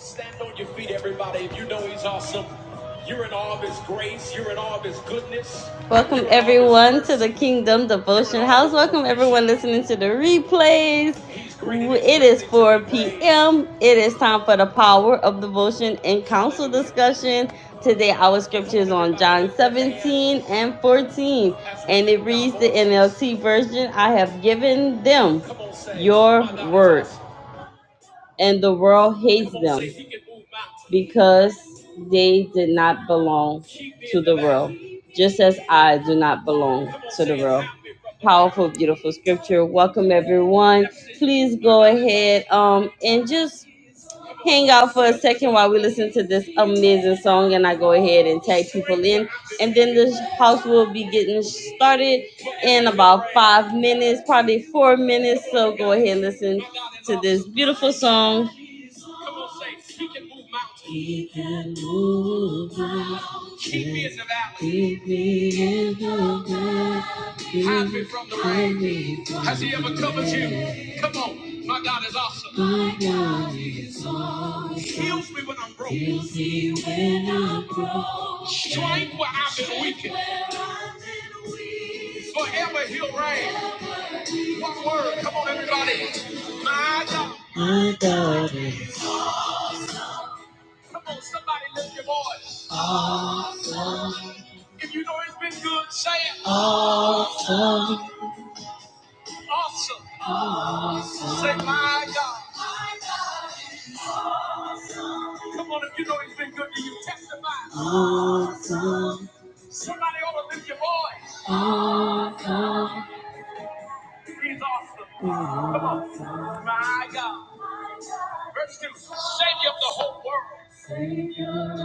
Stand on your feet, everybody. If you know he's awesome, you're in all of his grace, you're in all of his goodness, Welcome everyone to the Kingdom Devotion House. Welcome everyone listening to the replays. It is 4 p.m. It is time for the power of devotion and council discussion. Today our scripture is on John 17 and 14 and it reads the voices. NLT version, I have given them your word and the world hates them because they did not belong to the world, just as I do not belong to the world. Powerful, beautiful scripture. Welcome everyone. Please go ahead um and just hang out for a second while we listen to this amazing song and I go ahead and tag people in and then this house will be getting started in about five minutes, probably four minutes. So go ahead and listen to this beautiful song Come on, say, He can move mountains. Keep me in the valley. Hide me from the rain. Has He ever covered you? Come on, my God is awesome. Heals me when I'm broke. Strength where I've been weakened. Forever He'll reign. One word. Come on, everybody. My God. My God. Come on, somebody lift your voice. Awesome. If you know it has been good, say it. Awesome. Awesome. Awesome. Say, my God. Come on, if you know he's been good to you, testify. Awesome. Somebody ought to lift your voice. Awesome. He's awesome. Come on. Awesome. My God. Verse 2. Savior of the whole world.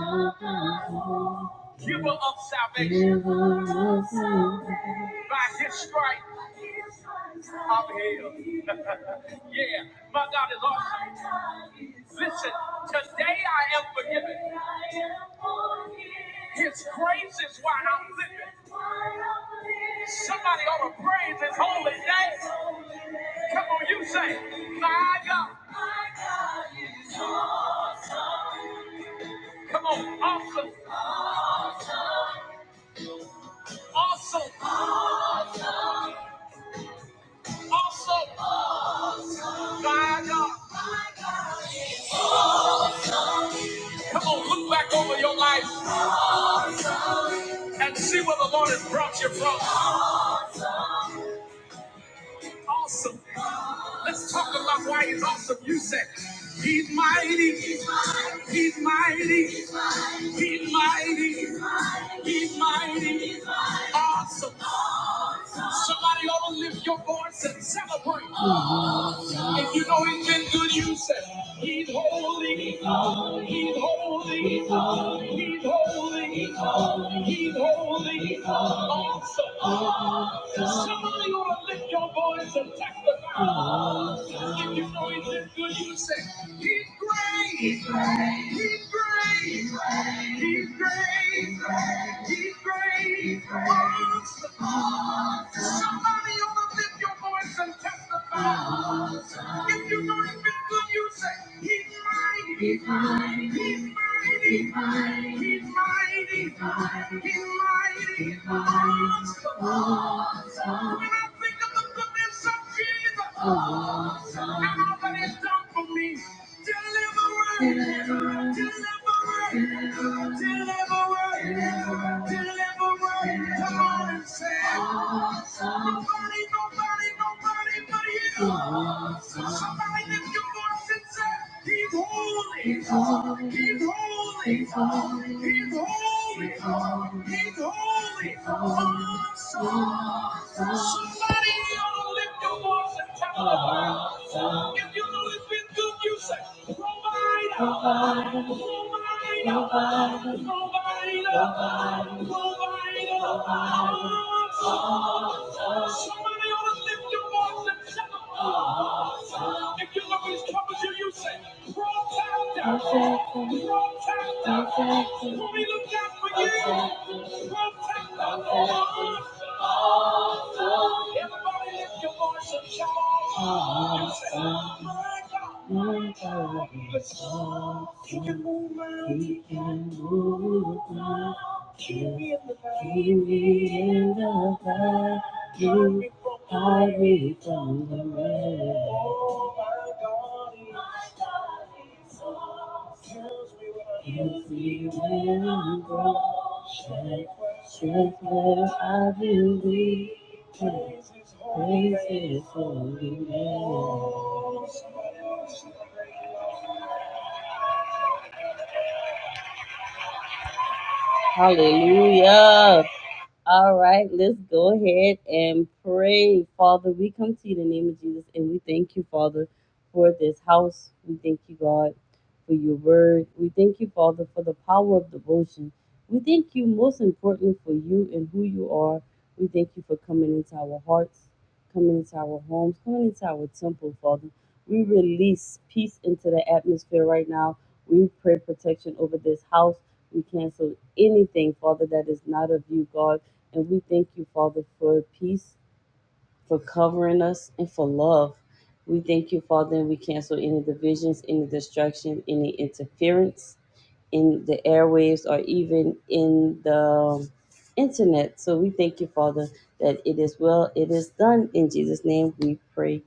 giver of salvation. By his stripes, I'm healed. yeah, my God is awesome. Listen, today I am forgiven. His grace is why I'm living. Somebody ought to praise his holy name. Come on, you say, my God. Come on, awesome, awesome, awesome, my God. Come on, look back over your life and see where the Lord has brought you from. Awesome. Let's talk about why he's awesome. You said, He's mighty, he's mighty, he's mighty, he's mighty, he's mighty, he's mighty. awesome. Somebody ought to lift your voice and celebrate. If you know he's been good, you say, He's holy, he's holy, he's holy, he's holy, he's holy, he's holy, he's holy, he's holding. awesome. awesome. Somebody ought to lift your voice and testify. Awesome. If you know he's been good, you say, He's great, he's great, he's great, he's great, he's great, he's great, he's great. awesome. Somebody overlift your voice and testify. If you know he's been good, you say, He's mighty. He's mighty. He's mighty. He's mighty. He's mighty. He's mighty. Awesome. When I think of the goodness of Jesus and all that he's done for me, He's holy. He's holy. He's holy. He's holy. He's holy. He's holy. Awesome. Somebody ought to lift your voice and tell 'em. If you know it's been good, you say, provider, provider, provider, provider, provider, provider, Somebody ought to lift your voice and shout. If you know he's coming to you, you say, protector, protector. When we look out for you, protector. Lord. Everybody lift your voice and shout. Awesome. My God. ที่จะมุ่งมั่นที่จะรู้ว่าที่เรียนมาที่เรียนมาที่หายไปจากกันแม้Can't see when you go, shake, shake where I will Praise his holy name. Hallelujah. All right, let's go ahead and pray. Father, we come to you in the name of Jesus and we thank you, Father, for this house. We thank you, God, for your word. We thank you, Father, for the power of devotion. We thank you, most importantly, for you and who you are. We thank you for coming into our hearts, coming into our homes, coming into our temple, Father. We release peace into the atmosphere right now. We pray protection over this house. We cancel anything, Father, that is not of you, God. And we thank you, Father, for peace, for covering us, and for love. We thank you, Father, and we cancel any divisions, any distraction, any interference in the airwaves or even in the um, internet. So we thank you, Father, that it is well, it is done. In Jesus' name we pray.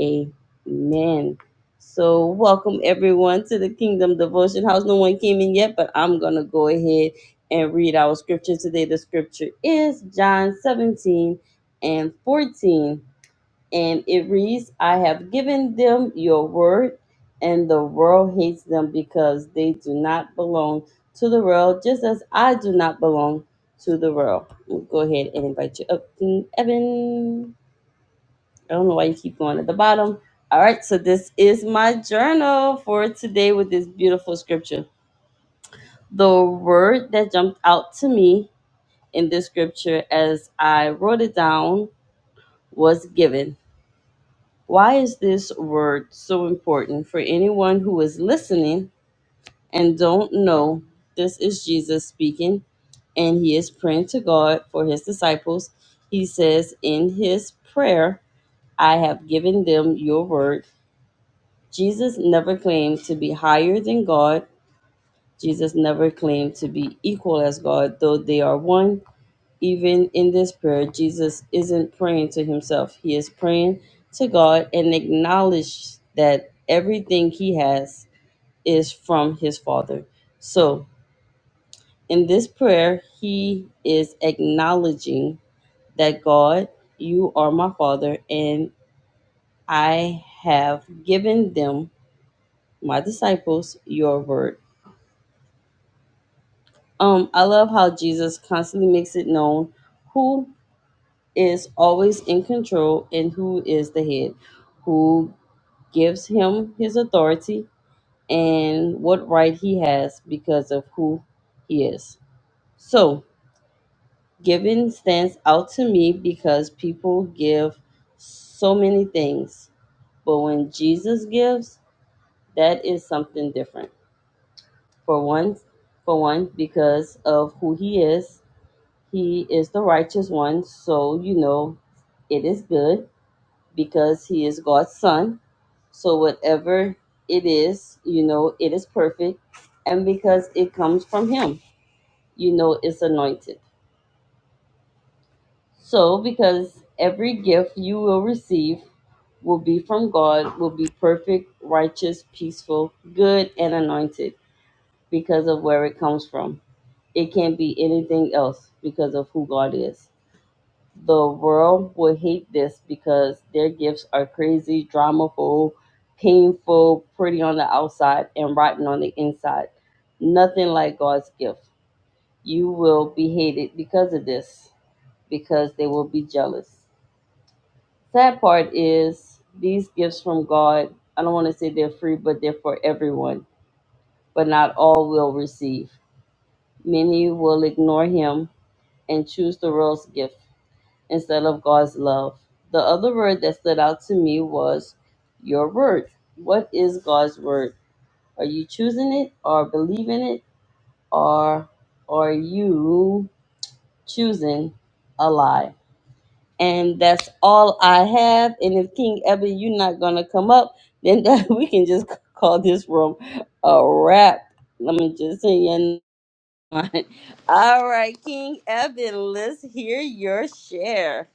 Amen. So, welcome everyone to the Kingdom Devotion House. No one came in yet, but I'm going to go ahead and read our scripture today. The scripture is John 17 and 14. And it reads, I have given them your word, and the world hates them because they do not belong to the world, just as I do not belong to the world. We'll go ahead and invite you up, King Evan. I don't know why you keep going at the bottom. All right, so this is my journal for today with this beautiful scripture. The word that jumped out to me in this scripture as I wrote it down was given. Why is this word so important for anyone who is listening and don't know? This is Jesus speaking and he is praying to God for his disciples. He says in his prayer, I have given them your word Jesus never claimed to be higher than God. Jesus never claimed to be equal as God, though they are one. Even in this prayer, Jesus isn't praying to himself, he is praying to God and acknowledge that everything he has is from his Father. So, in this prayer, he is acknowledging that God, you are my Father, and I have given them, my disciples, your word. Um, I love how Jesus constantly makes it known who is always in control and who is the head, who gives him his authority and what right he has because of who he is. So, giving stands out to me because people give so many things, but when Jesus gives, that is something different. For one, for one, because of who he is He is the righteous one, so you know it is good because he is God's son. So whatever it is, you know, it is perfect. And because it comes from him, you know, it's anointed. So because every gift you will receive will be from God, will be perfect, righteous, peaceful, good, and anointed because of where it comes from. It can't be anything else because of who God is. The world will hate this because their gifts are crazy, dramaful, painful, pretty on the outside, and rotten on the inside. Nothing like God's gift. You will be hated because of this, because they will be jealous. Sad part is these gifts from God, I don't want to say they're free, but they're for everyone, but not all will receive. Many will ignore Him and choose the world's gift instead of God's love. The other word that stood out to me was your word. What is God's word? Are you choosing it or believing it or are you choosing a lie? And that's all I have. And if King Eben, you're not gonna come up, then that, we can just call this room a wrap. Let me just say you All right, King Eben, let's hear your share.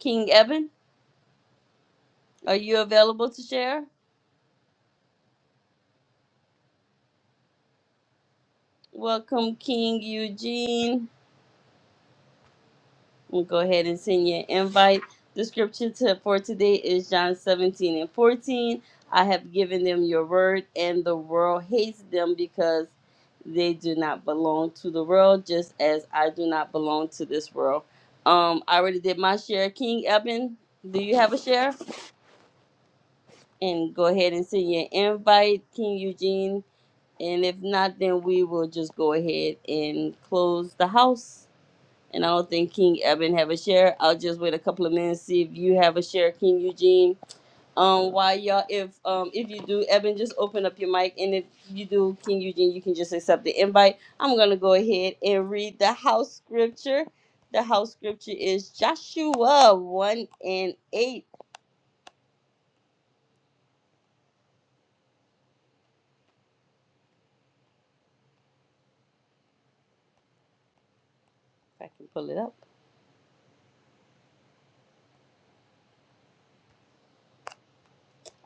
King Eben. Are you available to share? Welcome, King Eugene. We'll go ahead and send you an invite. The scripture to, for today is John 17 and 14. I have given them your word, and the world hates them because they do not belong to the world, just as I do not belong to this world. Um, I already did my share. King Eben, do you have a share? And go ahead and send your invite, King Eugene. And if not, then we will just go ahead and close the house. And I don't think King Eben have a share. I'll just wait a couple of minutes see if you have a share, King Eugene. Um, while y'all, if um, if you do, Eben, just open up your mic, and if you do, King Eugene, you can just accept the invite. I'm gonna go ahead and read the house scripture. The house scripture is Joshua one and eight. If I can pull it up.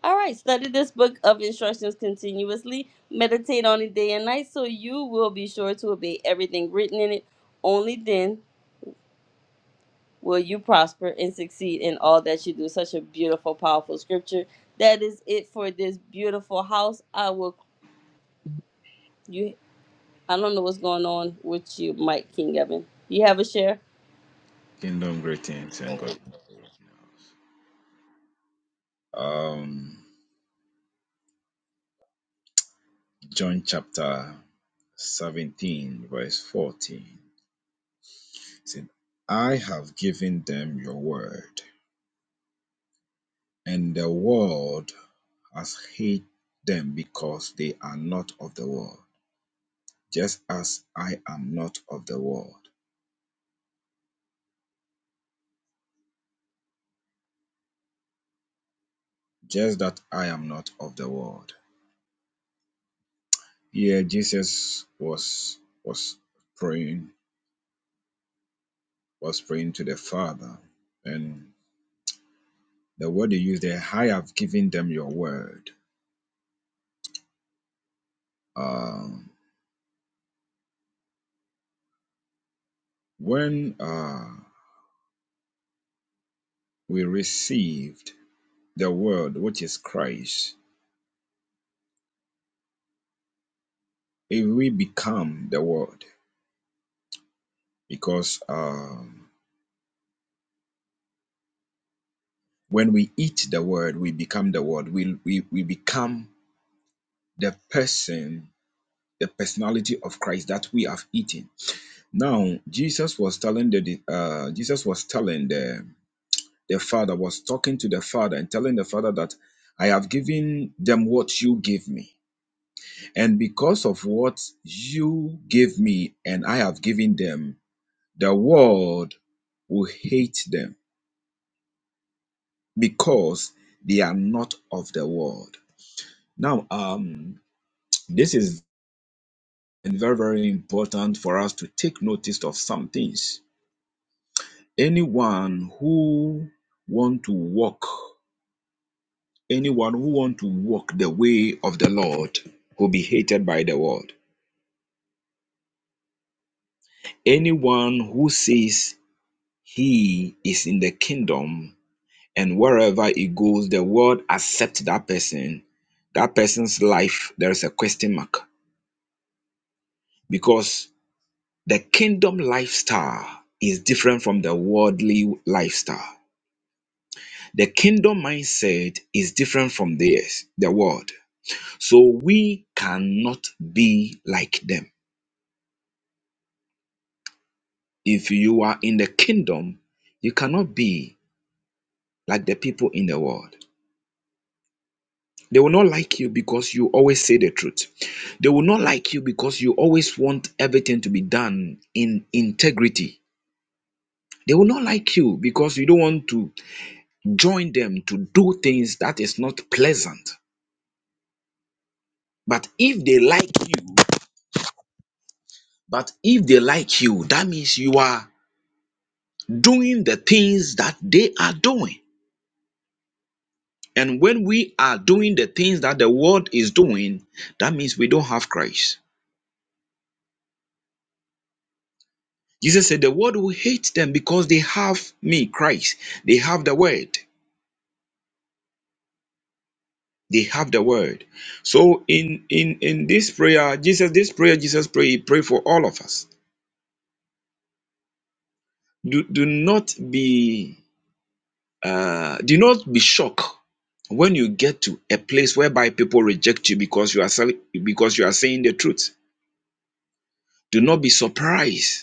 All right, study this book of instructions continuously. Meditate on it day and night so you will be sure to obey everything written in it. Only then will you prosper and succeed in all that you do. Such a beautiful, powerful scripture. That is it for this beautiful house. I will you I don't know what's going on with you, Mike King Evan. You have a share? Kingdom greetings and God. Um, John chapter 17, verse 14. It Said, I have given them your word, and the world has hated them because they are not of the world, just as I am not of the world. Just that I am not of the world. Here Jesus was was praying, was praying to the Father, and the word you use there, I have given them your word. Um, when uh, we received the word, which is Christ, if we become the word, because um, when we eat the word, we become the word. We, we, we become the person, the personality of Christ that we have eaten. Now, Jesus was telling the uh, Jesus was telling them The father was talking to the father and telling the father that I have given them what you gave me. And because of what you gave me and I have given them, the world will hate them because they are not of the world. Now, um, this is very, very important for us to take notice of some things. Anyone who want to walk Anyone who wants to walk the way of the Lord will be hated by the world. Anyone who says he is in the kingdom and wherever he goes, the world accepts that person. That person's life, there is a question mark because the kingdom lifestyle is different from the worldly lifestyle. The kingdom mindset is different from theirs, the world. So we cannot be like them. If you are in the kingdom, you cannot be like the people in the world. They will not like you because you always say the truth. They will not like you because you always want everything to be done in integrity. They will not like you because you don't want to join them to do things that is not pleasant. But if they like you, but if they like you, that means you are doing the things that they are doing. And when we are doing the things that the world is doing, that means we don't have Christ. Jesus said, The world will hate them because they have me, Christ. They have the word. They have the word. So in in in this prayer, Jesus, this prayer, Jesus pray, he pray for all of us. Do do not be uh do not be shocked when you get to a place whereby people reject you because you are sell- because you are saying the truth. Do not be surprised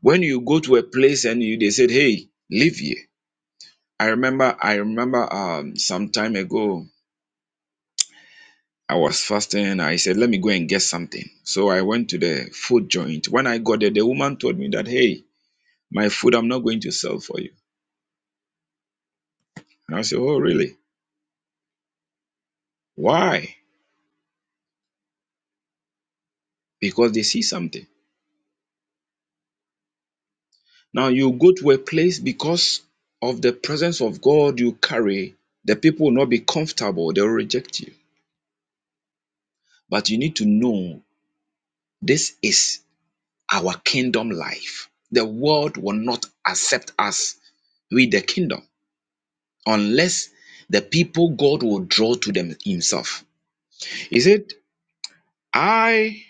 When you go to a place and you they said, Hey, live here. I remember I remember um some time ago I was fasting and I said, Let me go and get something. So I went to the food joint. When I got there, the woman told me that, Hey, my food I'm not going to sell for you. And I said, Oh, really? Why? Because they see something. Now you go to a place because of the presence of God you carry, the people will not be comfortable, they'll reject you. But you need to know this is our kingdom life. The world will not accept us with the kingdom unless the people God will draw to them himself. He said, I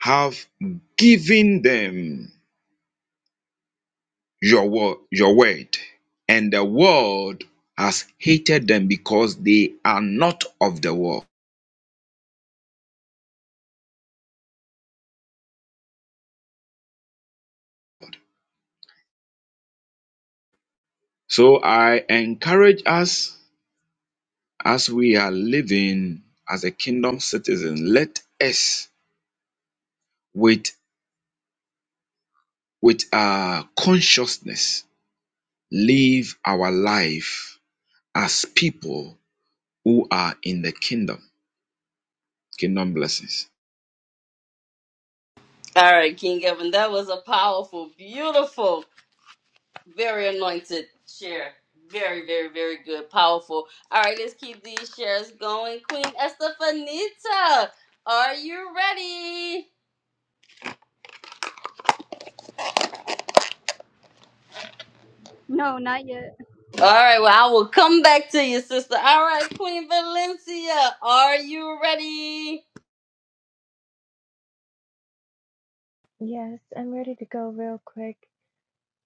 have given them your word, your word, and the world has hated them because they are not of the world. So I encourage us as we are living as a kingdom citizen, let us with with our consciousness live our life as people who are in the kingdom. Kingdom blessings. All right, King Evan. That was a powerful, beautiful. Very anointed share. Very, very, very good. Powerful. All right, let's keep these shares going. Queen Estefanita, are you ready? No, not yet. All right, well, I will come back to you, sister. All right, Queen Valencia, are you ready? Yes, I'm ready to go real quick.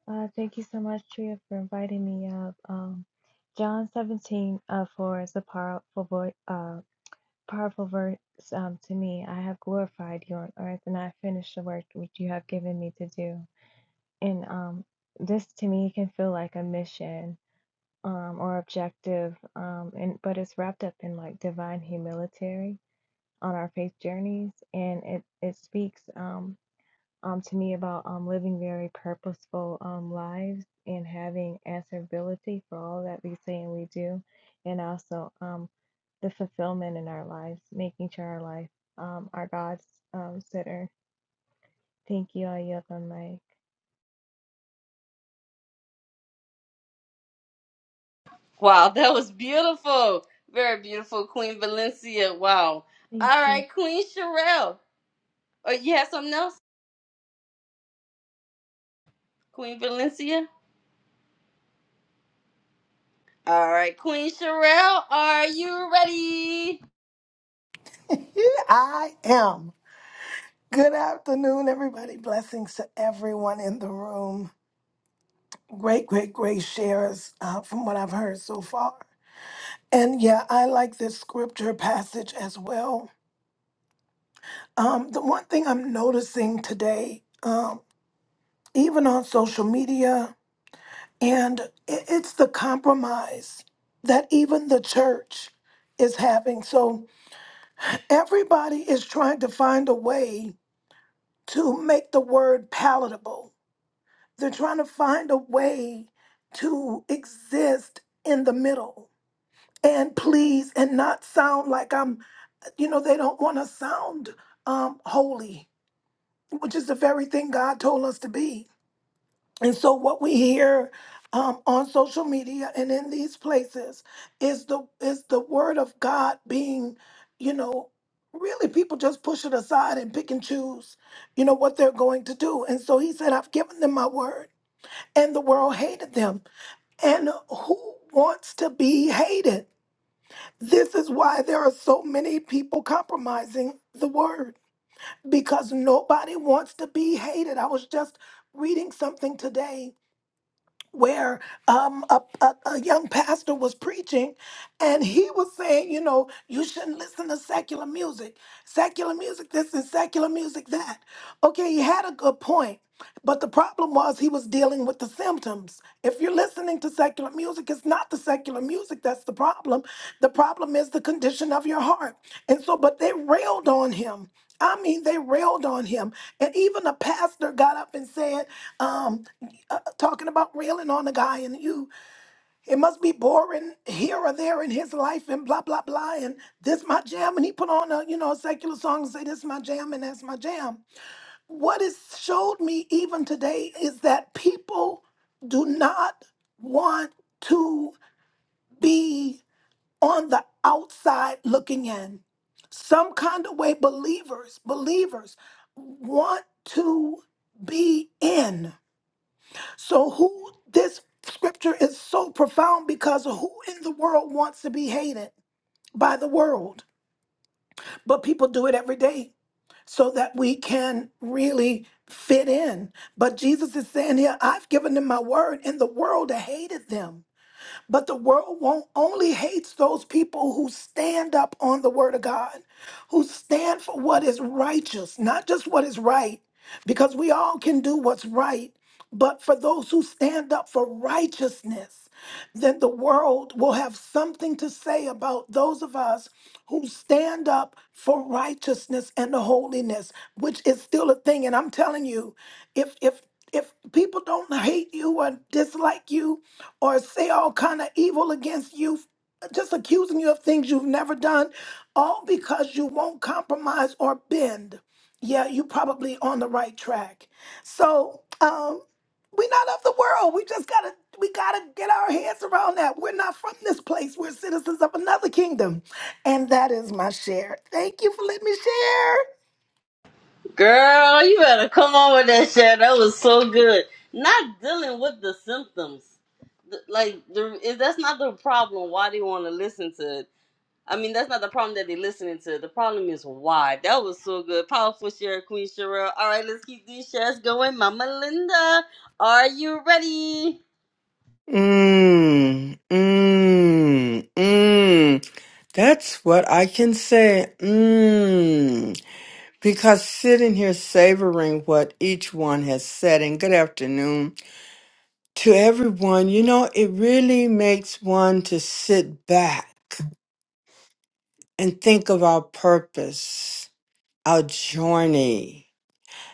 Uh, thank you so much, Tria, for inviting me up. Um, John 17 uh, 4 is a powerful voice, uh, powerful verse um, to me. I have glorified you on earth, and I have finished the work which you have given me to do. And um, this to me can feel like a mission um, or objective, um, and but it's wrapped up in like divine humility on our faith journeys, and it it speaks. Um, um, to me about um, living very purposeful um, lives and having answerability for all that we say and we do, and also um, the fulfillment in our lives, making sure our life, um, our God's um, center. Thank you, I yield the mic. Wow, that was beautiful. Very beautiful, Queen Valencia. Wow. Thank All you. right, Queen Sherelle. Oh, you have something else? Queen Valencia? All right, Queen Sherelle, are you ready? I am. Good afternoon, everybody. Blessings to everyone in the room. Great, great, great shares uh, from what I've heard so far. And yeah, I like this scripture passage as well. Um, the one thing I'm noting today, um, even on social media, and it, it's the demise that even the church is having. So everybody is trying to find a way to make the word palatable They're trying to find a way to exist in the middle and please and not sound like I'm, you know, they don't want to sound um, holy, which is the very thing God told us to be. And so what we hear um, on social media and in these places is the is the word of God being, you know, really people just push it aside and pick and choose, you know, what they're going to do. And so he said, I've given them my word and the world hated them. And who wants to be hated? This is why there are so many people compromising the word because nobody wants to be hated. I was just reading something today where um, a, a, a young pastor was preaching and he was saying, you know, you shouldn't listen to secular music. Secular music this and secular music that. Okay, he had a good point, but the problem was he was dealing with the symptoms. If you're listening to secular music, it's not the secular music that's the problem. The problem is the condition of your heart. And so, but they railed on him. I mean, they railed on him. And even a pastor got up and said, um, uh, talking about railing on the guy and you it must be boring here or there in his life and blah blah blah and this my jam and he put on a you know a secular song and say this my jam and that's my jam what it showed me even today is that people do not want to be on the outside looking in some kind of way believers believers want to be in so who this scripture is so profound because who in the world wants to be hated by the world? But people do it every day so that we can really fit in. But Jesus is saying here, I've given them my word and the world hated them but the world won't only hates those people who stand up on the word of God, who stand for what is righteous, not just what is right, because we all can do what's right, but for those who stand up for righteousness, then the world will have something to say about those of us who stand up for righteousness and the holiness, which is still a thing. And I'm telling you, if if if people don't hate you or dislike you, or say all kind of evil against you just accusing you of things you've never done all because you won't compromise or bend yeah you probably on the right track so um we're not of the world we just gotta we gotta get our heads around that we're not from this place we're citizens of another kingdom and that is my share thank you for letting me share Girl, you better come on with that shit. That was so good. Not dealing with the symptoms. Th- Like, the, if that's not the problem, why they want to listen to it. I mean, that's not the problem that they're listening to. The problem is why. That was so good. Powerful share, Queen Sherelle. All right, let's keep these shares going. Mama Linda, are you ready? Mm, mm, mm. That's what I can say. Mm. Because sitting here savoring what each one has said, and good afternoon to everyone, you know, it really makes one to sit back and think of our purpose, our journey.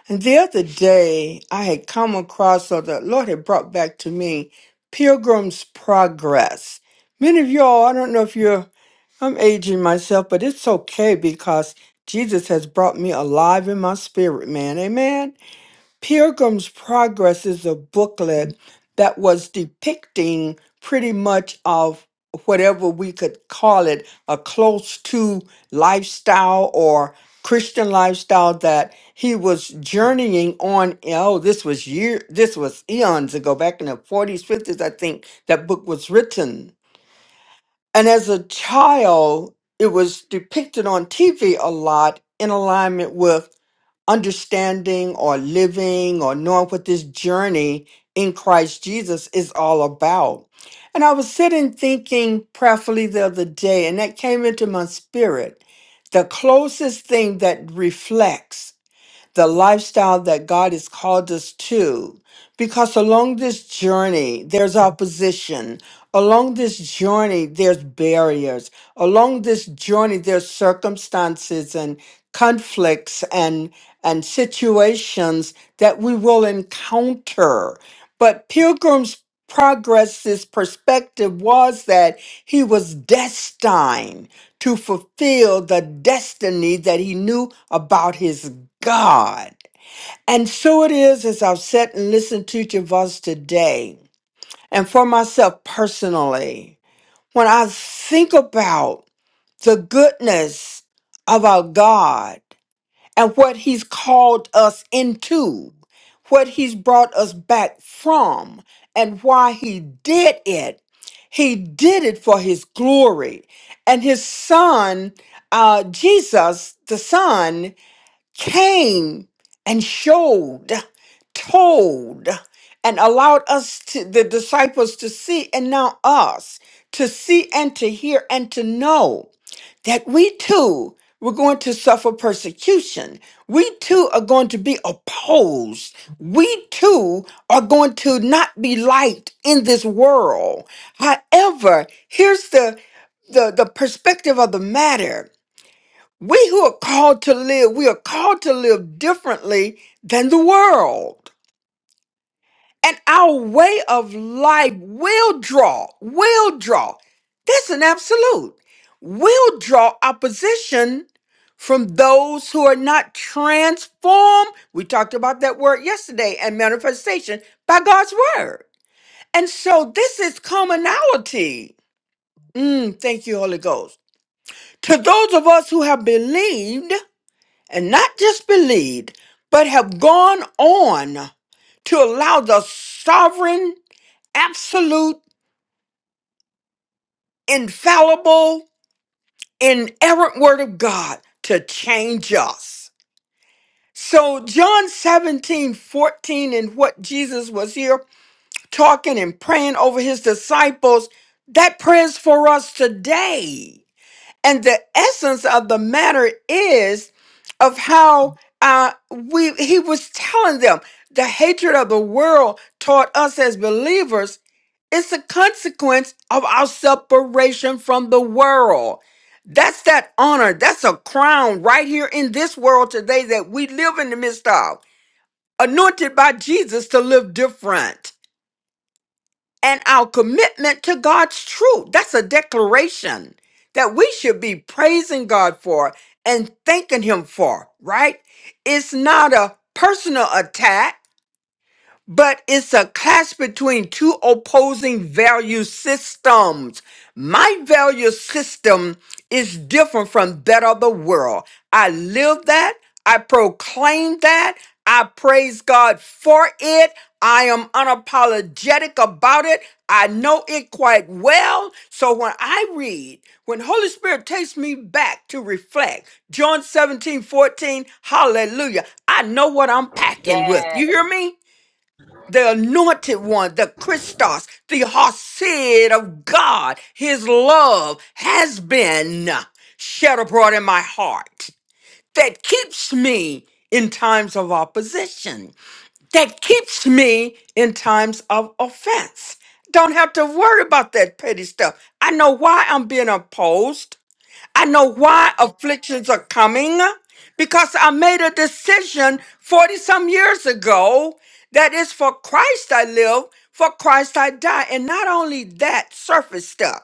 And the other day, I had come across, or the Lord had brought back to me, Pilgrim's Progress. Many of y'all, I don't know if you're, I'm aging myself, but it's okay because Jesus has brought me alive in my spirit, man. Amen. Pilgrim's Progress is a booklet that was depicting pretty much of whatever we could call it a close to lifestyle or Christian lifestyle that he was journeying on. Oh, this was year this was eons ago, back in the 40s, 50s, I think that book was written. And as a child, it was depicted on TV a lot in alignment with understanding or living or knowing what this journey in Christ Jesus is all about. And I was sitting thinking prayerfully the other day, and that came into my spirit. The closest thing that reflects the lifestyle that God has called us to. Because along this journey, there's opposition. Along this journey, there's barriers. Along this journey, there's circumstances and conflicts and, and situations that we will encounter. But Pilgrim's Progress's perspective was that he was destined to fulfill the destiny that he knew about his God. And so it is as I've sat and listened to your voice today, and for myself personally, when I think about the goodness of our God and what He's called us into, what He's brought us back from, and why He did it. He did it for his glory. And his son, uh, Jesus, the son, came and showed, told, and allowed us to the disciples to see, and now us to see and to hear and to know that we too were going to suffer persecution. We too are going to be opposed. We too are going to not be liked in this world. However, here's the the, the perspective of the matter. We who are called to live, we are called to live differently than the world. And our way of life will draw, will draw. That's an absolute. Will draw opposition from those who are not transformed. We talked about that word yesterday and manifestation by God's word. And so this is commonality. Mm, thank you, Holy Ghost. To those of us who have believed, and not just believed, but have gone on to allow the sovereign, absolute, infallible, inerrant word of God to change us. So, John 17 14, and what Jesus was here talking and praying over his disciples, that prayer's for us today. And the essence of the matter is of how uh, we he was telling them the hatred of the world toward us as believers is a consequence of our separation from the world. That's that honor. That's a crown right here in this world today that we live in the midst of. Anointed by Jesus to live different and our commitment to God's truth. That's a declaration that we should be praising God for and thanking Him for, right? It's not a personal attack but it's a clash between two opposing value systems. My value system is different from that of the world. I live that, I proclaim that, I praise God for it. I am unapologetic about it. I know it quite well. So when I read, when Holy Spirit takes me back to reflect, John 17 14, hallelujah, I know what I'm packing with. You Yes, hear me? the anointed one, the Christos, the Hasid of God, his love has been shed abroad in my heart that keeps me in times of opposition, that keeps me in times of offense. Don't have to worry about that petty stuff. I know why I'm being opposed. I know why afflictions are coming because I made a decision 40 some years ago that is for Christ I live, for Christ I die. And not only that, surface stuff.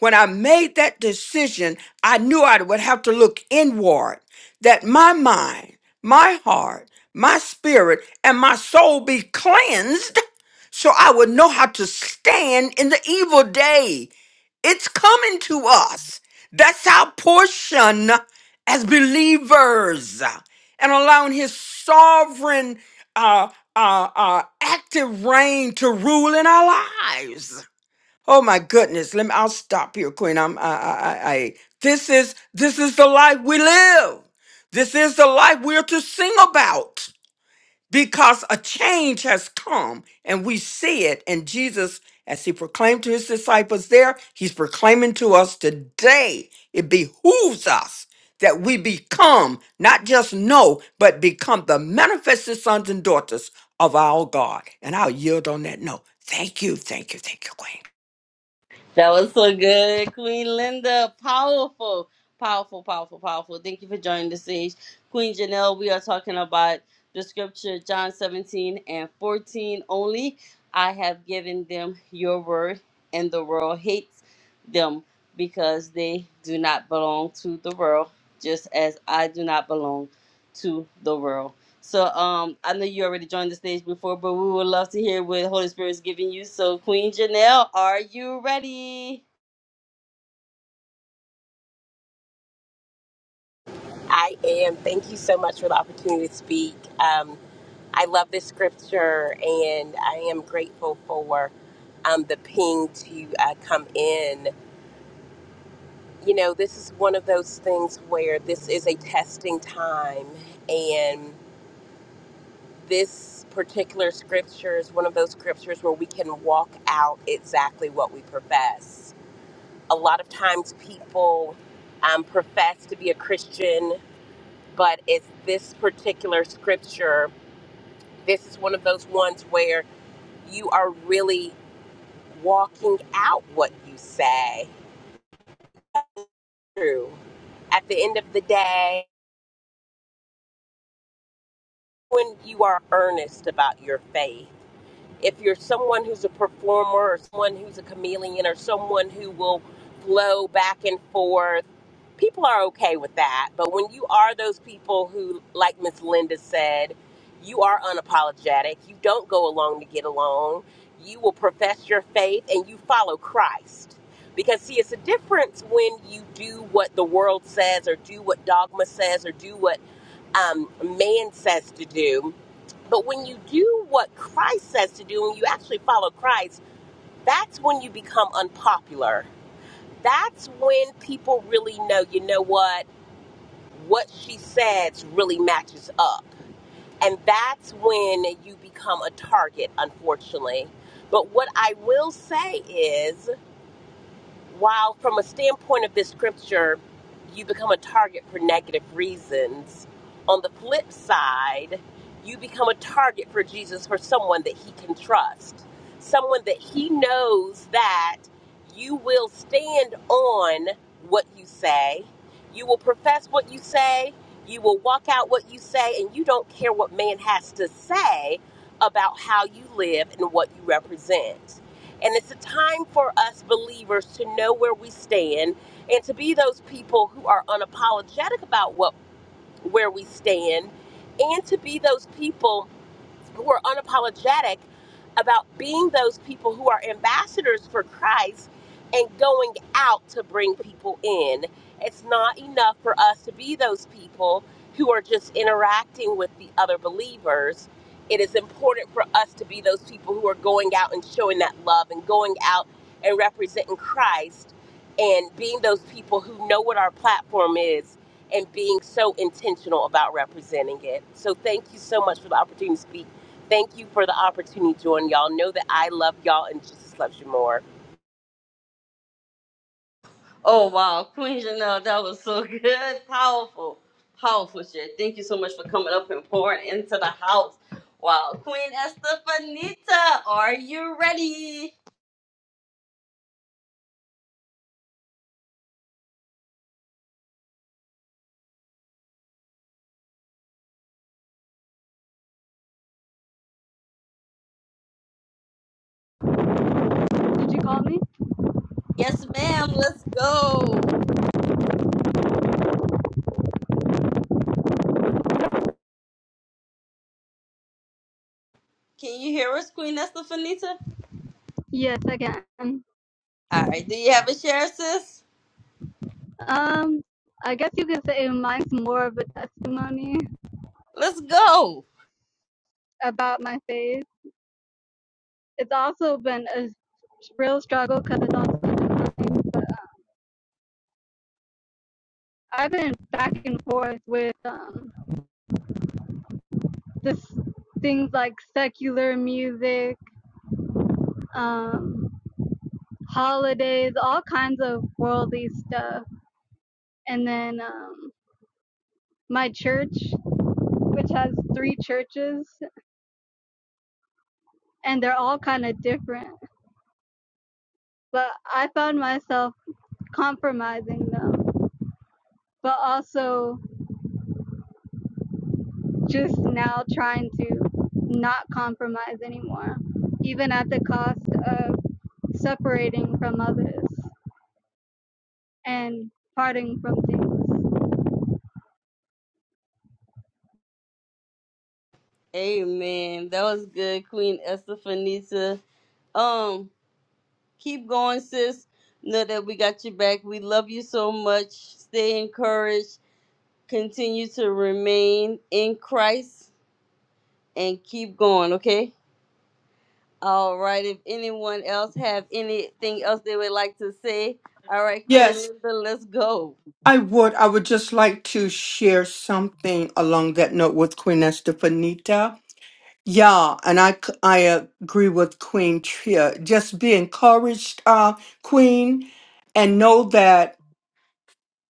When I made that decision, I knew I would have to look inward, that my mind, my heart, my spirit, and my soul be cleansed so I would know how to stand in the evil day. It's coming to us. That's our portion as believers. And allowing his sovereign, uh, uh, uh, active reign to rule in our lives. Oh my goodness. Let me, I'll stop here, Queen. I'm, I, I, I, I- this is, this is the life we live. This is the life we're to sing about because a change has come and we see it. And Jesus, as he proclaimed to his disciples there, he's proclaiming to us today. It behooves us that we become, not just know, but become the manifested sons and daughters of our God. And I'll yield on that note. Thank you, thank you, thank you, Queen. That was so good, Queen Linda. Powerful, powerful, powerful, powerful. Thank you for joining the stage, Queen Janelle. We are talking about the scripture John 17 and 14 only. I have given them your word, and the world hates them because they do not belong to the world, just as I do not belong to the world. So um, I know you already joined the stage before, but we would love to hear what Holy Spirit's giving you. So Queen Janelle, are you ready? I am. Thank you so much for the opportunity to speak. Um, I love this scripture, and I am grateful for um, the ping to uh, come in. You know, this is one of those things where this is a testing time, and this particular scripture is one of those scriptures where we can walk out exactly what we profess. A lot of times, people um, profess to be a Christian but it's this particular scripture. This is one of those ones where you are really walking out what you say. True. At the end of the day, when you are earnest about your faith, if you're someone who's a performer or someone who's a chameleon or someone who will flow back and forth, people are okay with that. But when you are those people who, like Miss Linda said, you are unapologetic, you don't go along to get along, you will profess your faith and you follow Christ. Because, see, it's a difference when you do what the world says or do what dogma says or do what um, man says to do. But when you do what Christ says to do, when you actually follow Christ, that's when you become unpopular. That's when people really know, you know what, what she says really matches up. And that's when you become a target, unfortunately. But what I will say is, while from a standpoint of this scripture, you become a target for negative reasons, on the flip side, you become a target for Jesus for someone that he can trust, someone that he knows that you will stand on what you say, you will profess what you say, you will walk out what you say, and you don't care what man has to say about how you live and what you represent. And it's a time for us believers to know where we stand and to be those people who are unapologetic about what where we stand and to be those people who are unapologetic about being those people who are ambassadors for Christ and going out to bring people in. It's not enough for us to be those people who are just interacting with the other believers. It is important for us to be those people who are going out and showing that love and going out and representing Christ and being those people who know what our platform is and being so intentional about representing it. So thank you so much for the opportunity to speak. Thank you for the opportunity, Jordan. Y'all know that I love y'all and Jesus loves you more. Oh wow, Queen Janelle, that was so good, powerful, powerful shit. Thank you so much for coming up and pouring into the house. Wow, Queen Estefanita, are you ready? Did you call me? Yes, ma'am. Let's go. Can you hear us, Queen Estefanita? Yes, I can. All right. Do you have a share, sis? Um, I guess you could say mine's more of a testimony Let's go. about my faith. It's also been a real struggle because it's also been mine, but I've been back and forth with um this things like secular music, um, holidays, all kinds of worldly stuff, and then um my church, which has three churches, and they're all kind of different. but I found myself compromising them, but also just now trying to not compromise anymore, even at the cost of separating from others and parting from things. Amen. That was good, Queen Estefanita. Um, keep going, sis. Know that we got your back. We love you so much. Stay encouraged. Continue to remain in Christ and keep going, okay? All right. If anyone else have anything else they would like to say, all right, Queen Yes, Linda, let's go. I would. I would just like to share something along that note with Queen Estefanita. Yeah, and I c- I agree with Queen Tria. Just be encouraged, uh, Queen, and know that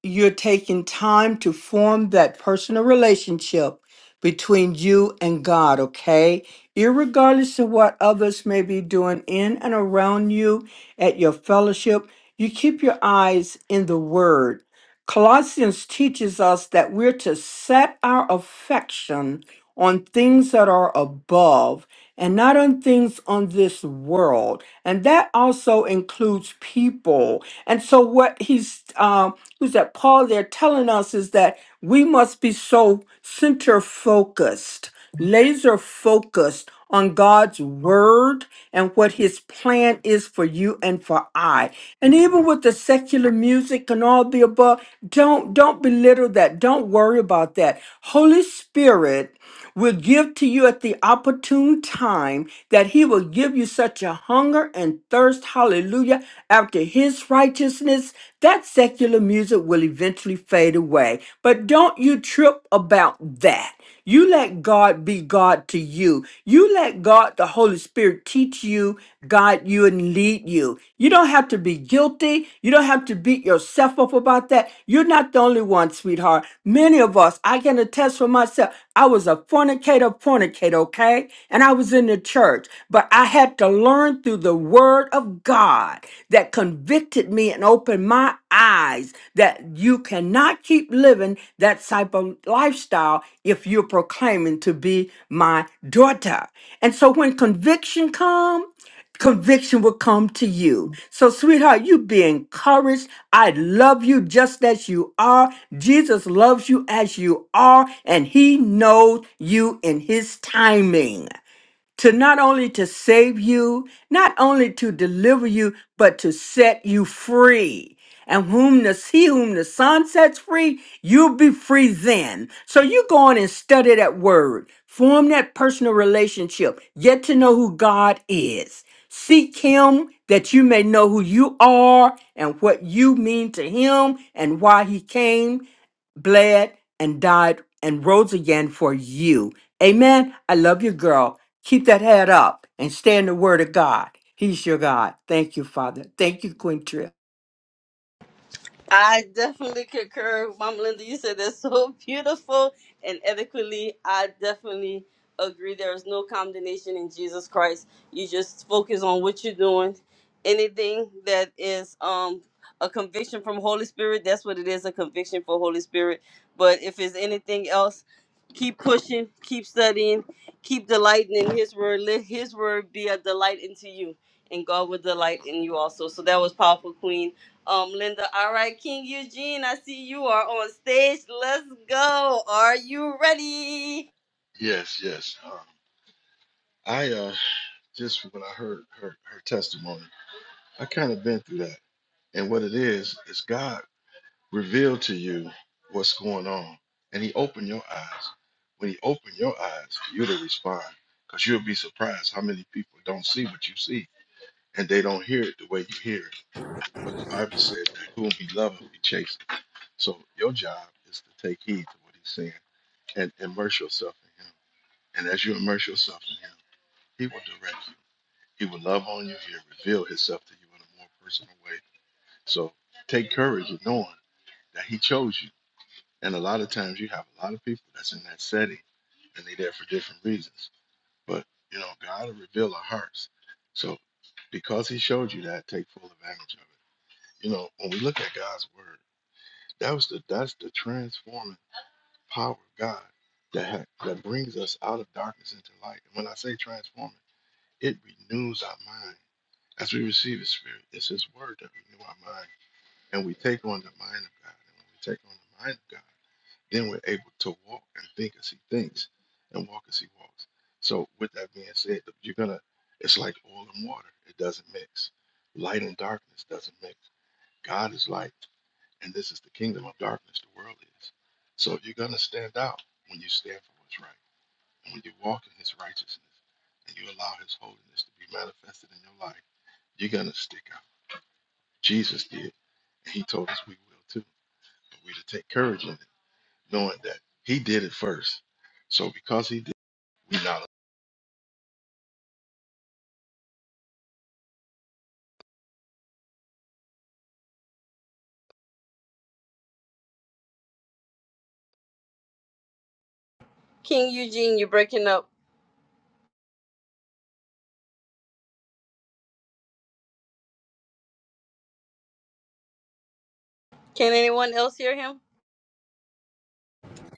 you're taking time to form that personal relationship between you and God. Okay, irregardless of what others may be doing in and around you at your fellowship, you keep your eyes in the Word. Colossians teaches us that we're to set our affection on things that are above and not on things on this world. And that also includes people. And so what he's um who's that Paul there telling us is that we must be so center focused, laser focused on God's word and what his plan is for you and for I. And even with the secular music and all the above, don't don't belittle that. Don't worry about that. Holy Spirit will give to you at the opportune time, that he will give you such a hunger and thirst, hallelujah, after his righteousness, that secular music will eventually fade away. But don't you trip about that. You let God be God to you. You let God, the Holy Spirit, teach you, guide you, and lead lead you. You don't have to be guilty. You don't have to beat yourself up about that. You're not the only one, sweetheart. Many of us, I can attest for myself, I was a fornicator, fornicator, okay? And I was in the church, but I had to learn through the word of God that convicted me and opened my eyes that you cannot keep living that type of lifestyle if you're proclaiming to be my daughter. And so when conviction comes, conviction will come to you. So, sweetheart, you be encouraged. I love you just as you are. Jesus loves you as you are, and he knows you in his timing to not only to save you, not only to deliver you, but to set you free. And whom the he whom the Son sets free, you'll be free then. So you go on and study that word, form that personal relationship, get to know who God is. Seek him that you may know who you are and what you mean to him and why he came bled and died and rose again for you. Amen. I love you, girl. Keep that head up and stay in the Word of God. He's your God. Thank you, Father. Thank you, Quintrell. I definitely concur, Mom Linda. You said that's so beautiful and eloquently. I definitely agree. There is no condemnation in Jesus Christ. You just focus on what you're doing. Anything that is um a conviction from Holy Spirit, that's what it is—a conviction for Holy Spirit. But if it's anything else, keep pushing, keep studying, keep delighting in His word. Let His word be a delight into you, and God will delight in you also. So that was powerful, Queen um, Linda, all right, King Eugene, I see you are on stage. Let's go. Are you ready? Yes, yes. Um, I uh, just from when I heard her, her testimony, I kind of been through that. And what it is is God revealed to you what's going on, and He opened your eyes. When He opened your eyes, you to respond, because you'll be surprised how many people don't see what you see, and they don't hear it the way you hear it. But the Bible said that whom He loveth, He chasteneth. So your job is to take heed to what He's saying and immerse yourself in Him. And as you immerse yourself in Him, He will direct you. He will love on you. He'll reveal himself to you in a more personal way. So take courage in knowing that he chose you. And a lot of times you have a lot of people that's in that setting and they're there for different reasons. But you know, God will reveal our hearts. So because he showed you that, take full advantage of it. You know, when we look at God's word, that was the that's the transforming power of God that ha- that brings us out of darkness into light. And when I say transforming, it renews our mind. As we receive His Spirit, it's His Word that renew our mind, and we take on the mind of God. And when we take on the mind of God, then we're able to walk and think as He thinks, and walk as He walks. So, with that being said, you're gonna. It's like oil and water; it doesn't mix. Light and darkness doesn't mix. God is light, and this is the kingdom of darkness. The world is. So, you're gonna stand out when you stand for what's right, and when you walk in His righteousness, and you allow His holiness to be manifested in your life. You're gonna stick out Jesus did. And he told us we will too. But we're to take courage in it, knowing that he did it first. So because he did, we not. King Eugene, you're breaking up. Can anyone else hear him?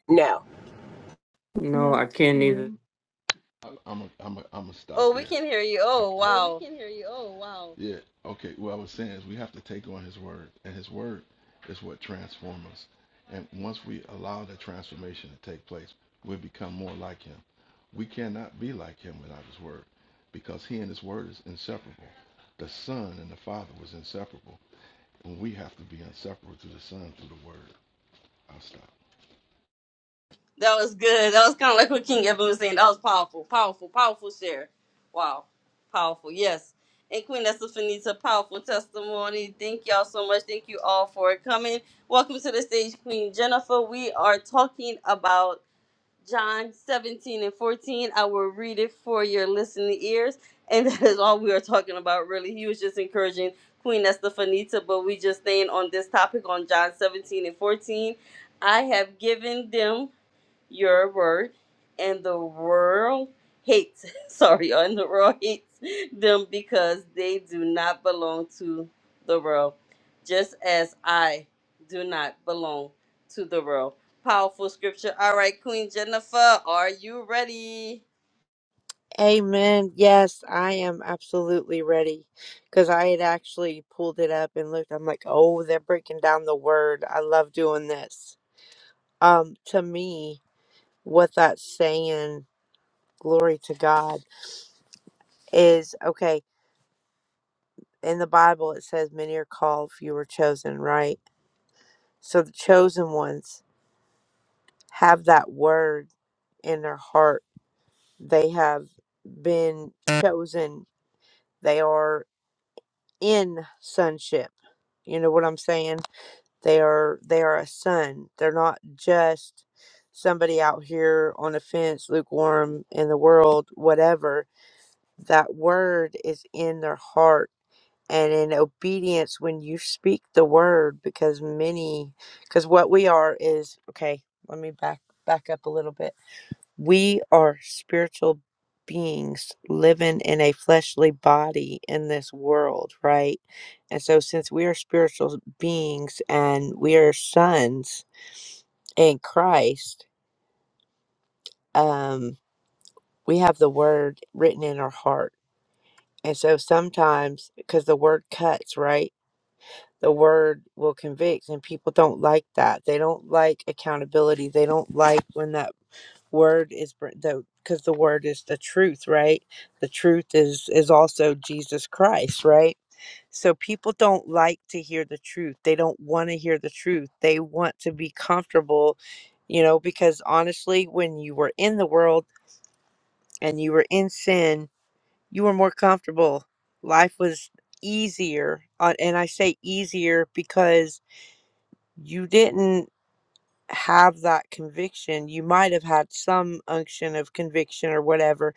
Now. No, No, I I can can't hear either. him. I'm a, I'm a, I'm gonna stop Oh, we there. can hear you. I, Oh, I, Oh, we wow. can hear you. Oh, wow. yeah. Okay. What I was saying is we have to take on his word, and his word is what transforms us. And once we allow that transformation to take place, we become more like him. We cannot be like him without his word, because he and his word is inseparable. The son and the father was inseparable. when we have to be inseparable to the Son through the Word. I'll stop. That was good. That was kind of like what King Evan was saying. That was powerful, powerful, powerful share. Wow. Powerful, yes. And Queen Estefanita, powerful testimony. Thank y'all so much. Thank you all for coming. Welcome to the stage, Queen Jennifer. We are talking about John 17 and 14. I will read it for your listening ears. And that is all we are talking about, really. He was just encouraging Queen Estefanita, but we just staying on this topic on John 17 and 14. I have given them your word, and the world hates, sorry, and the world hates them because they do not belong to the world, just as I do not belong to the world. Powerful scripture. All right, Queen Jennifer, are you ready? Amen. Yes, I am absolutely ready because I had actually pulled it up and looked. I'm like, oh, they're breaking down the word. I love doing this. Um, to me, what that's saying, glory to God, is okay. In the Bible, it says, many are called, few are chosen, right? So the chosen ones have that word in their heart. They have been chosen, they are in sonship. You know what I'm saying? They are they are a son. They're not just somebody out here on the fence, lukewarm in the world, whatever. That word is in their heart and in obedience when you speak the word because many because what we are is okay let me back back up a little bit we are spiritual beings living in a fleshly body in this world, right? And so, since we are spiritual beings and we are sons in Christ, um, we have the word written in our heart. And so, sometimes because the word cuts, right? The word will convict, and people don't like that. They don't like accountability. They don't like when that word is br- the because the word is the truth right the truth is is also jesus christ right so people don't like to hear the truth they don't want to hear the truth they want to be comfortable you know because honestly when you were in the world and you were in sin you were more comfortable life was easier uh, and i say easier because you didn't have that conviction. You might have had some unction of conviction or whatever,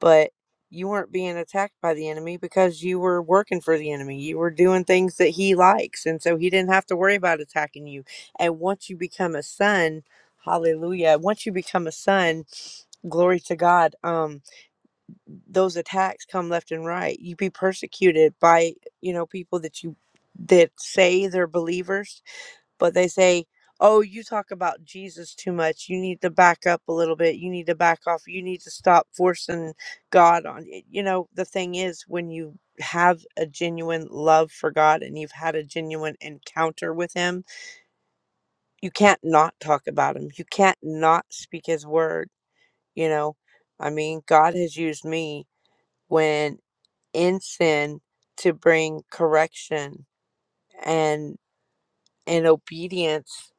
but you weren't being attacked by the enemy because you were working for the enemy. You were doing things that he likes. And so he didn't have to worry about attacking you. And once you become a son, hallelujah. Once you become a son, glory to God, um, those attacks come left and right. You be persecuted by, you know, people that you that say they're believers but they say, "Oh, you talk about Jesus too much. You need to back up a little bit. You need to back off. You need to stop forcing God on you." You know, the thing is when you have a genuine love for God and you've had a genuine encounter with him, you can't not talk about him. You can't not speak his word, you know. I mean, God has used me when in sin to bring correction and in obedience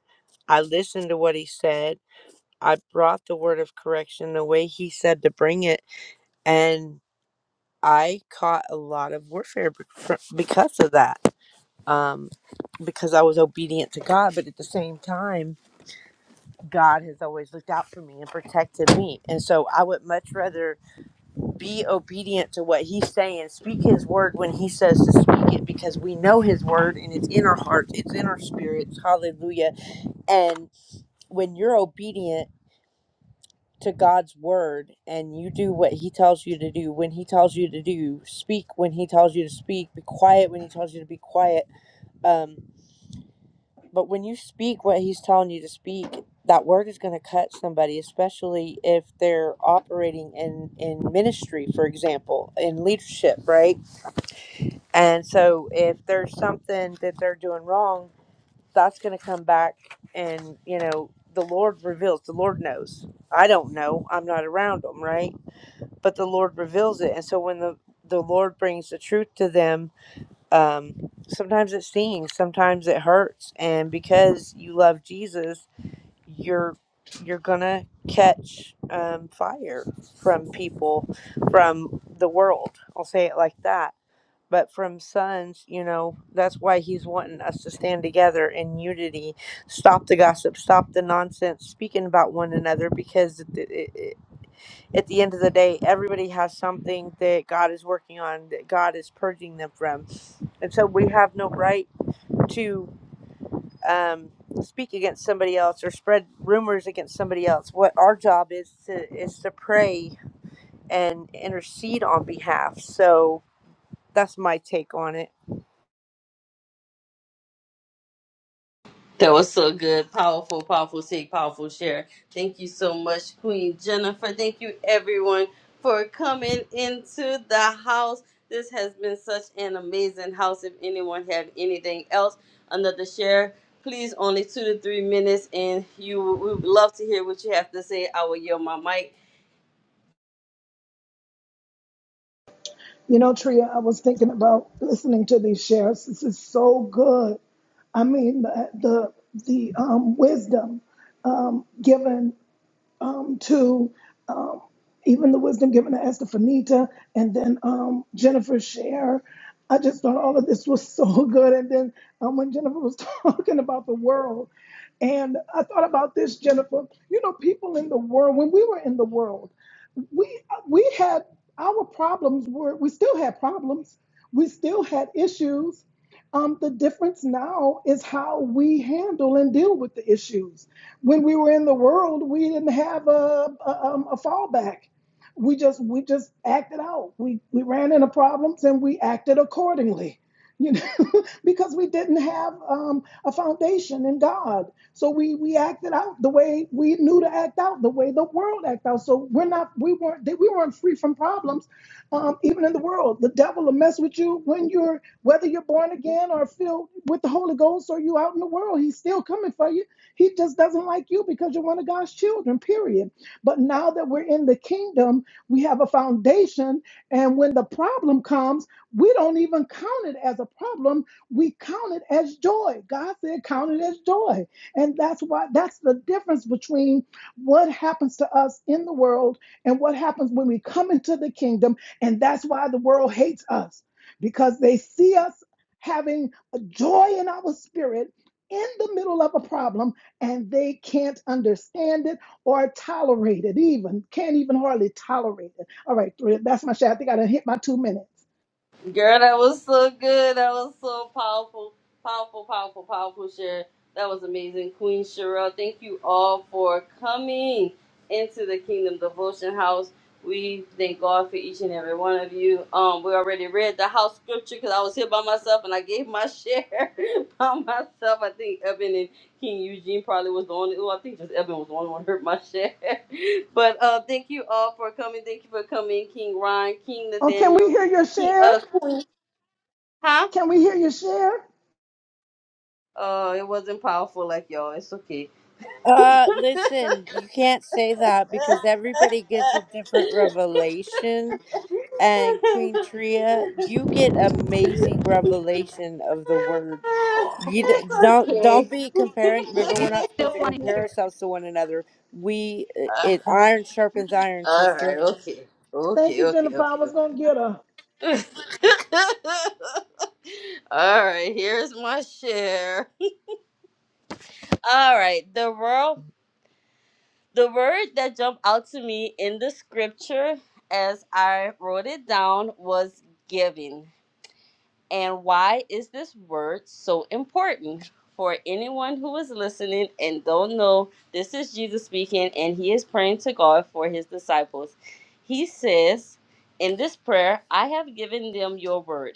I listened to what he said I brought the word of correction the way he said to bring it, and I caught a lot of warfare be- fr- because of that. Um, because I was obedient to God, but at the same time, God has always looked out for me and protected me. And so I would much rather be obedient to what He's saying, speak His word when He says to speak it, because we know His word and it's in our hearts, it's in our spirits. Hallelujah. And when you're obedient, to God's word and you do what he tells you to do when he tells you to do speak when he tells you to speak be quiet when he tells you to be quiet um but when you speak what he's telling you to speak that word is going to cut somebody especially if they're operating in in ministry for example in leadership right and so if there's something that they're doing wrong that's going to come back and you know the lord reveals the lord knows i don't know i'm not around them right but the Lord reveals it. And so when the the Lord brings the truth to them, um, sometimes it stings, sometimes it hurts, and because you love Jesus, you're you're gonna catch um, fire from people, from the world. I'll say it like that. But from sons, you know, that's why he's wanting us to stand together in unity. Stop the gossip, stop the nonsense, speaking about one another because it, it, it, at the end of the day, everybody has something that God is working on, that God is purging them from. And so we have no right to um, speak against somebody else or spread rumors against somebody else. What our job is to, is to pray and intercede on behalf. So that's my take on it. That was so good. Powerful, powerful take, powerful share. Thank you so much, Queen Jennifer. Thank you, everyone, for coming into the house. This has been such an amazing house. If anyone have anything else, another share, please only two to three minutes, and you we would love to hear what you have to say. I will yield my mic. You know, Tria, I was thinking about listening to these shares. This is so good. I mean, the the, the um, wisdom um, given um, to um, even the wisdom given to Esther Finita and then um, Jennifer Share. I just thought all of this was so good. And then um, when Jennifer was talking about the world, and I thought about this, Jennifer. You know, people in the world, when we were in the world, we we had our problems were we still had problems we still had issues um, the difference now is how we handle and deal with the issues when we were in the world we didn't have a, a, um, a fallback we just we just acted out we we ran into problems and we acted accordingly you know because we didn't have um, a foundation in god so we we acted out the way we knew to act out, the way the world act out. So we're not we weren't we weren't free from problems, um, even in the world. The devil will mess with you when you're whether you're born again or filled with the Holy Ghost or you out in the world. He's still coming for you. He just doesn't like you because you're one of God's children. Period. But now that we're in the kingdom, we have a foundation, and when the problem comes, we don't even count it as a problem. We count it as joy. God said, "Count it as joy." And that's why that's the difference between what happens to us in the world and what happens when we come into the kingdom. And that's why the world hates us because they see us having a joy in our spirit in the middle of a problem and they can't understand it or tolerate it even can't even hardly tolerate it all right that's my share i think i done hit my two minutes Girl, that was so good. That was so powerful, powerful, powerful, powerful share. That was amazing, Queen Sherelle. Thank you all for coming into the Kingdom Devotion House. We thank God for each and every one of you. Um, we already read the house scripture because I was here by myself and I gave my share by myself. I think Evan and King Eugene probably was the only. Oh, I think just Evan was the only one who heard my share. but uh, thank you all for coming. Thank you for coming, King Ron, King oh can we Nathaniel. hear your King, share uh, Huh? can we hear your share Oh, it wasn't powerful like y'all. It's okay. Uh, listen, you can't say that because everybody gets a different revelation. and Queen Tria, you get amazing revelation of the word. You d- it's don't okay. don't be comparing. Remember, We we're not supposed still to want to compare hear ourselves to one another. We it Uh, iron sharpens iron, all right. sister. Okay. thank Okay. you Okay. jennifer i Okay. was gonna Okay. get her all right. Here's my share. All right, the word the word that jumped out to me in the scripture as I wrote it down was giving. And why is this word so important? For anyone who is listening and don't know, this is Jesus speaking, and he is praying to God for his disciples. He says, In this prayer, I have given them your word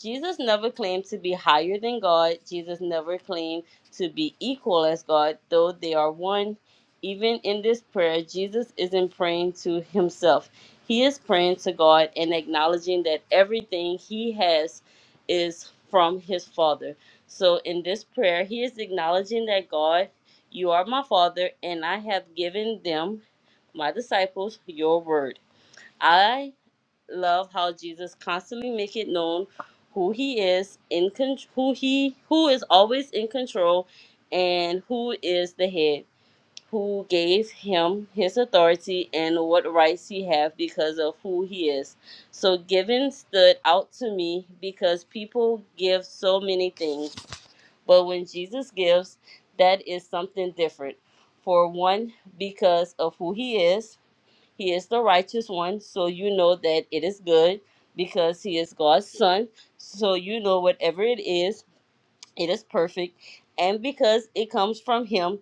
Jesus never claimed to be higher than God. Jesus never claimed to be equal as God, though they are one. Even in this prayer, Jesus isn't praying to himself. He is praying to God and acknowledging that everything he has is from his Father. So in this prayer, he is acknowledging that God, you are my Father, and I have given them, my disciples, your word. I love how Jesus constantly make it known who he is in con- who he who is always in control and who is the head who gave him his authority and what rights he have because of who he is so giving stood out to me because people give so many things but when jesus gives that is something different for one because of who he is he is the righteous one, so you know that it is good because he is God's son. So you know whatever it is it is perfect. And because it comes from Him,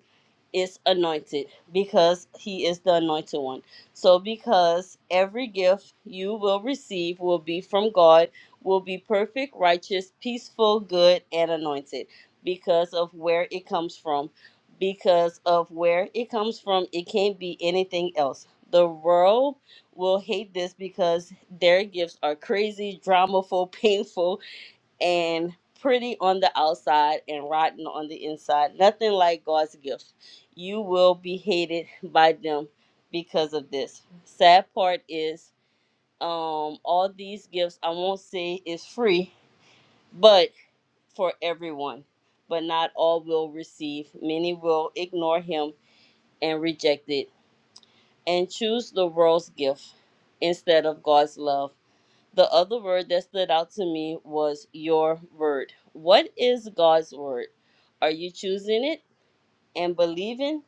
it's anointed because He is the anointed one. So, because every gift you will receive will be from God, will be perfect, righteous, peaceful, good, and anointed because of where it comes from. Because of where it comes from, it can't be anything else. The world will hate this because their gifts are crazy, dramaful, painful, and pretty on the outside and rotten on the inside. Nothing like God's gift. You will be hated by them because of this. Sad part is um all these gifts I won't say is free, but for everyone. But not all will receive. Many will ignore him and reject it and choose the world's gift instead of God's love the other word that stood out to me was your word. What is God's word? Are you choosing it and believing,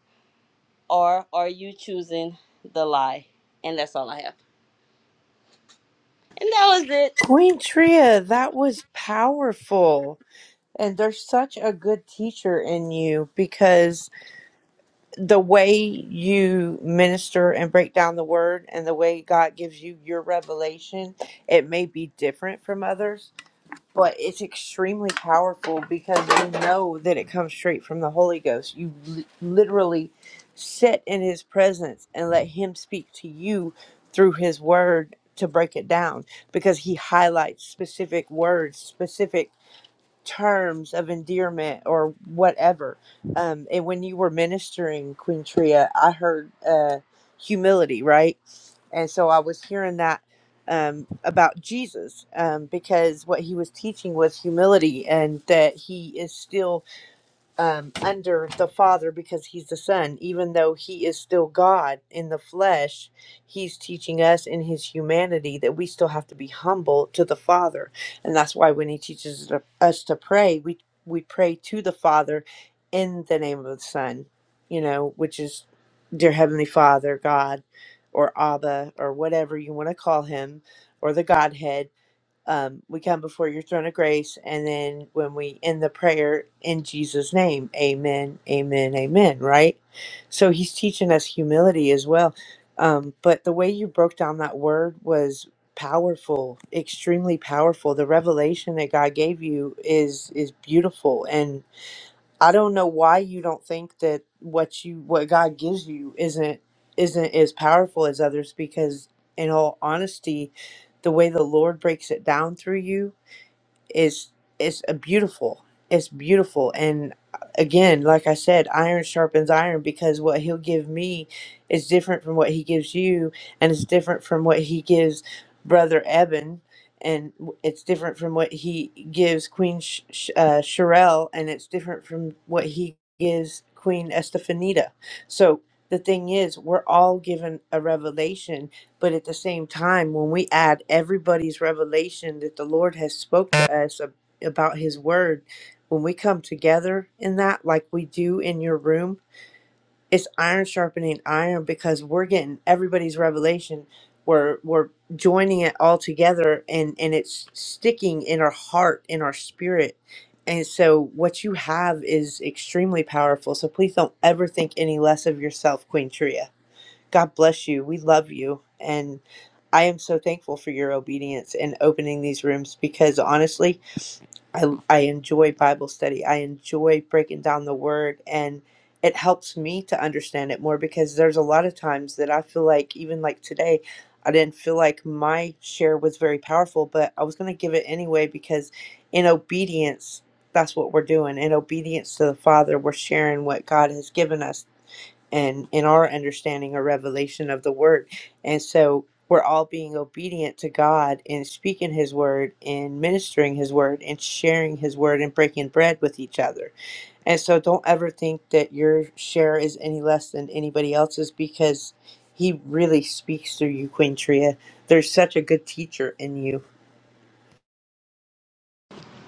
or are you choosing the lie? And that's all I have. And that was it. Queen Tria, that was powerful. And there's such a good teacher in you because the way you minister and break down the word and the way God gives you your revelation, it may be different from others, but it's extremely powerful because you know that it comes straight from the Holy Ghost. You li- literally sit in His presence and let Him speak to you through His Word to break it down because He highlights specific words, specific terms of endearment or whatever. Um, and when you were ministering, Queen Tria, I heard uh, humility, right? And so I was hearing that um, about Jesus um, because what he was teaching was humility and that he is still um, under the Father because he's the Son. Even though he is still God in the flesh, he's teaching us in his humanity that we still have to be humble to the Father. And that's why when he teaches us to pray, we, we pray to the Father in the name of the Son, you know, which is dear Heavenly Father, God, or Abba, or whatever you want to call him, or the Godhead um, we come before your throne of grace. And then when we end the prayer in Jesus' name, amen, amen, amen, right? So he's teaching us humility as well. Um, but the way you broke down that word was powerful extremely powerful the revelation that god gave you is is beautiful and. I don't know why you don't think that what you what God gives you isn't isn't as powerful as others because in all honesty, the way the Lord breaks it down through you is is a beautiful. It's beautiful, and uh, again, like I said, iron sharpens iron because what he'll give me is different from what he gives you, and it's different from what he gives brother Eben, and w- it's different from what he gives Queen Sh- Sh- uh, Sherelle, and it's different from what he gives Queen Estefanita. So the thing is, we're all given a revelation but at the same time, when we add everybody's revelation that the Lord has spoke to us ab- about his word, when we come together in that like we do in your room, it's iron sharpening iron because we're getting everybody's revelation. We're we're joining it all together and and it's sticking in our heart, in our spirit. And so what you have is extremely powerful. So please don't ever think any less of yourself, Queen Tria. God bless you. We love you. And I am so thankful for your obedience and opening these rooms because honestly, I, I enjoy Bible study. I enjoy breaking down the word and it helps me to understand it more because there's a lot of times that I feel like, even like today, I didn't feel like my share was very powerful, but I was going to give it anyway because in obedience, that's what we're doing. In obedience to the Father, we're sharing what God has given us and in our understanding or revelation of the word. And so we're all being obedient to God in speaking his word and ministering his word and sharing his word and breaking bread with each other. And so don't ever think that your share is any less than anybody else's because he really speaks through you, Queen Tria. There's such a good teacher in you.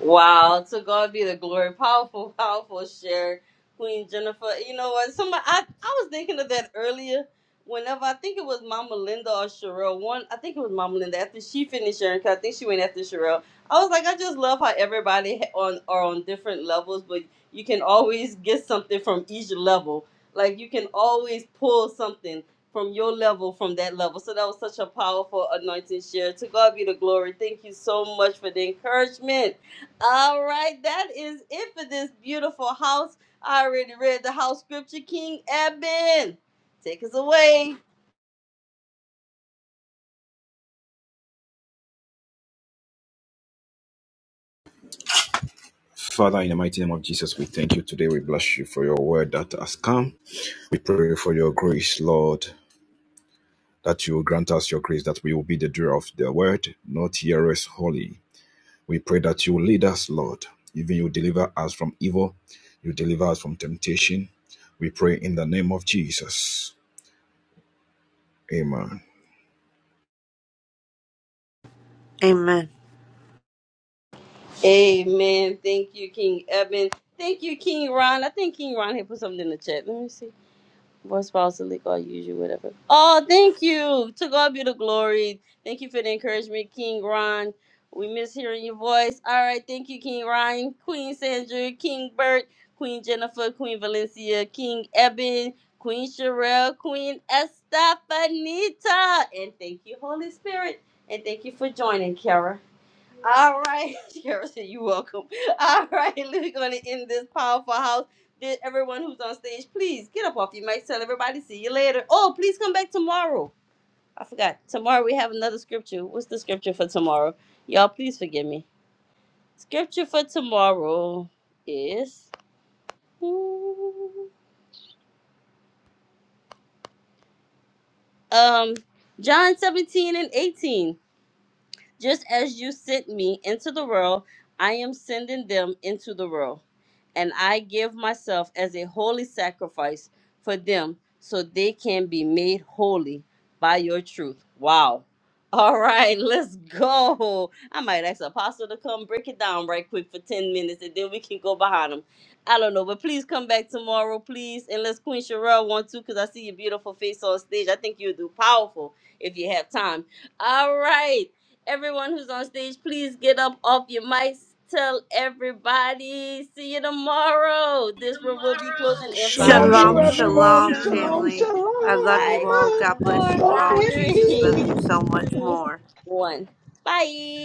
Wow, to God be the glory. Powerful, powerful share, Queen Jennifer. You know what? Somebody, I, I was thinking of that earlier. Whenever I think it was Mama Linda or Sherelle, one I think it was Mama Linda after she finished sharing, 'cause I think she went after Sherelle. I was like, I just love how everybody ha- on are on different levels, but you can always get something from each level. Like you can always pull something from your level from that level. So that was such a powerful anointing share. To God be the glory. Thank you so much for the encouragement. All right, that is it for this beautiful house. I already read the house scripture, King Eben. Take us away. Father, in the mighty name of Jesus, we thank you today. We bless you for your word that has come. We pray for your grace, Lord, that you will grant us your grace, that we will be the doer of the word, not hearers holy. We pray that you will lead us, Lord. Even you deliver us from evil, you deliver us from temptation. We pray in the name of Jesus. Amen. Amen. Amen. Thank you, King Eben. Thank you, King Ron. I think King Ron had put something in the chat. Let me see. Born spouse, illegal, usually, whatever. Oh, thank you. To God be the glory. Thank you for the encouragement, King Ron. We miss hearing your voice. All right, thank you, King Ryan, Queen Sandra, King Bert, Queen Jennifer, Queen Valencia, King Eben, Queen Sherelle, Queen Estefanita. And thank you, Holy Spirit. And thank you for joining, Kara. All right, Kara said you're welcome. All right, we're going to end this powerful house. Did everyone who's on stage, please get up off your mic. Tell everybody, see you later. Oh, please come back tomorrow. I forgot. Tomorrow we have another scripture. What's the scripture for tomorrow? Y'all, please forgive me. Scripture for tomorrow is um John 17 and 18. Just as you sent me into the world, I am sending them into the world. And I give myself as a holy sacrifice for them so they can be made holy by your truth. Wow. All right, let's go. I might ask Apostle to come break it down right quick for 10 minutes and then we can go behind him. I don't know, but please come back tomorrow, please. Unless Queen Sherelle wants to, because I see your beautiful face on stage. I think you'll do powerful if you have time. All right. Everyone who's on stage, please get up off your mics. Tell everybody. See you tomorrow. This room will be closing in five Shalom, Love Peace seconds. and you, Shalom, shalom, love, peace shalom. and everyone. shalom, blessings. Shalom, family. I Shalom, love you Five, shalom, all. shalom. God four, bless it. blessings. you Go all. Bye. in Jesus loves three, you peace. so much two, more. one. Bye.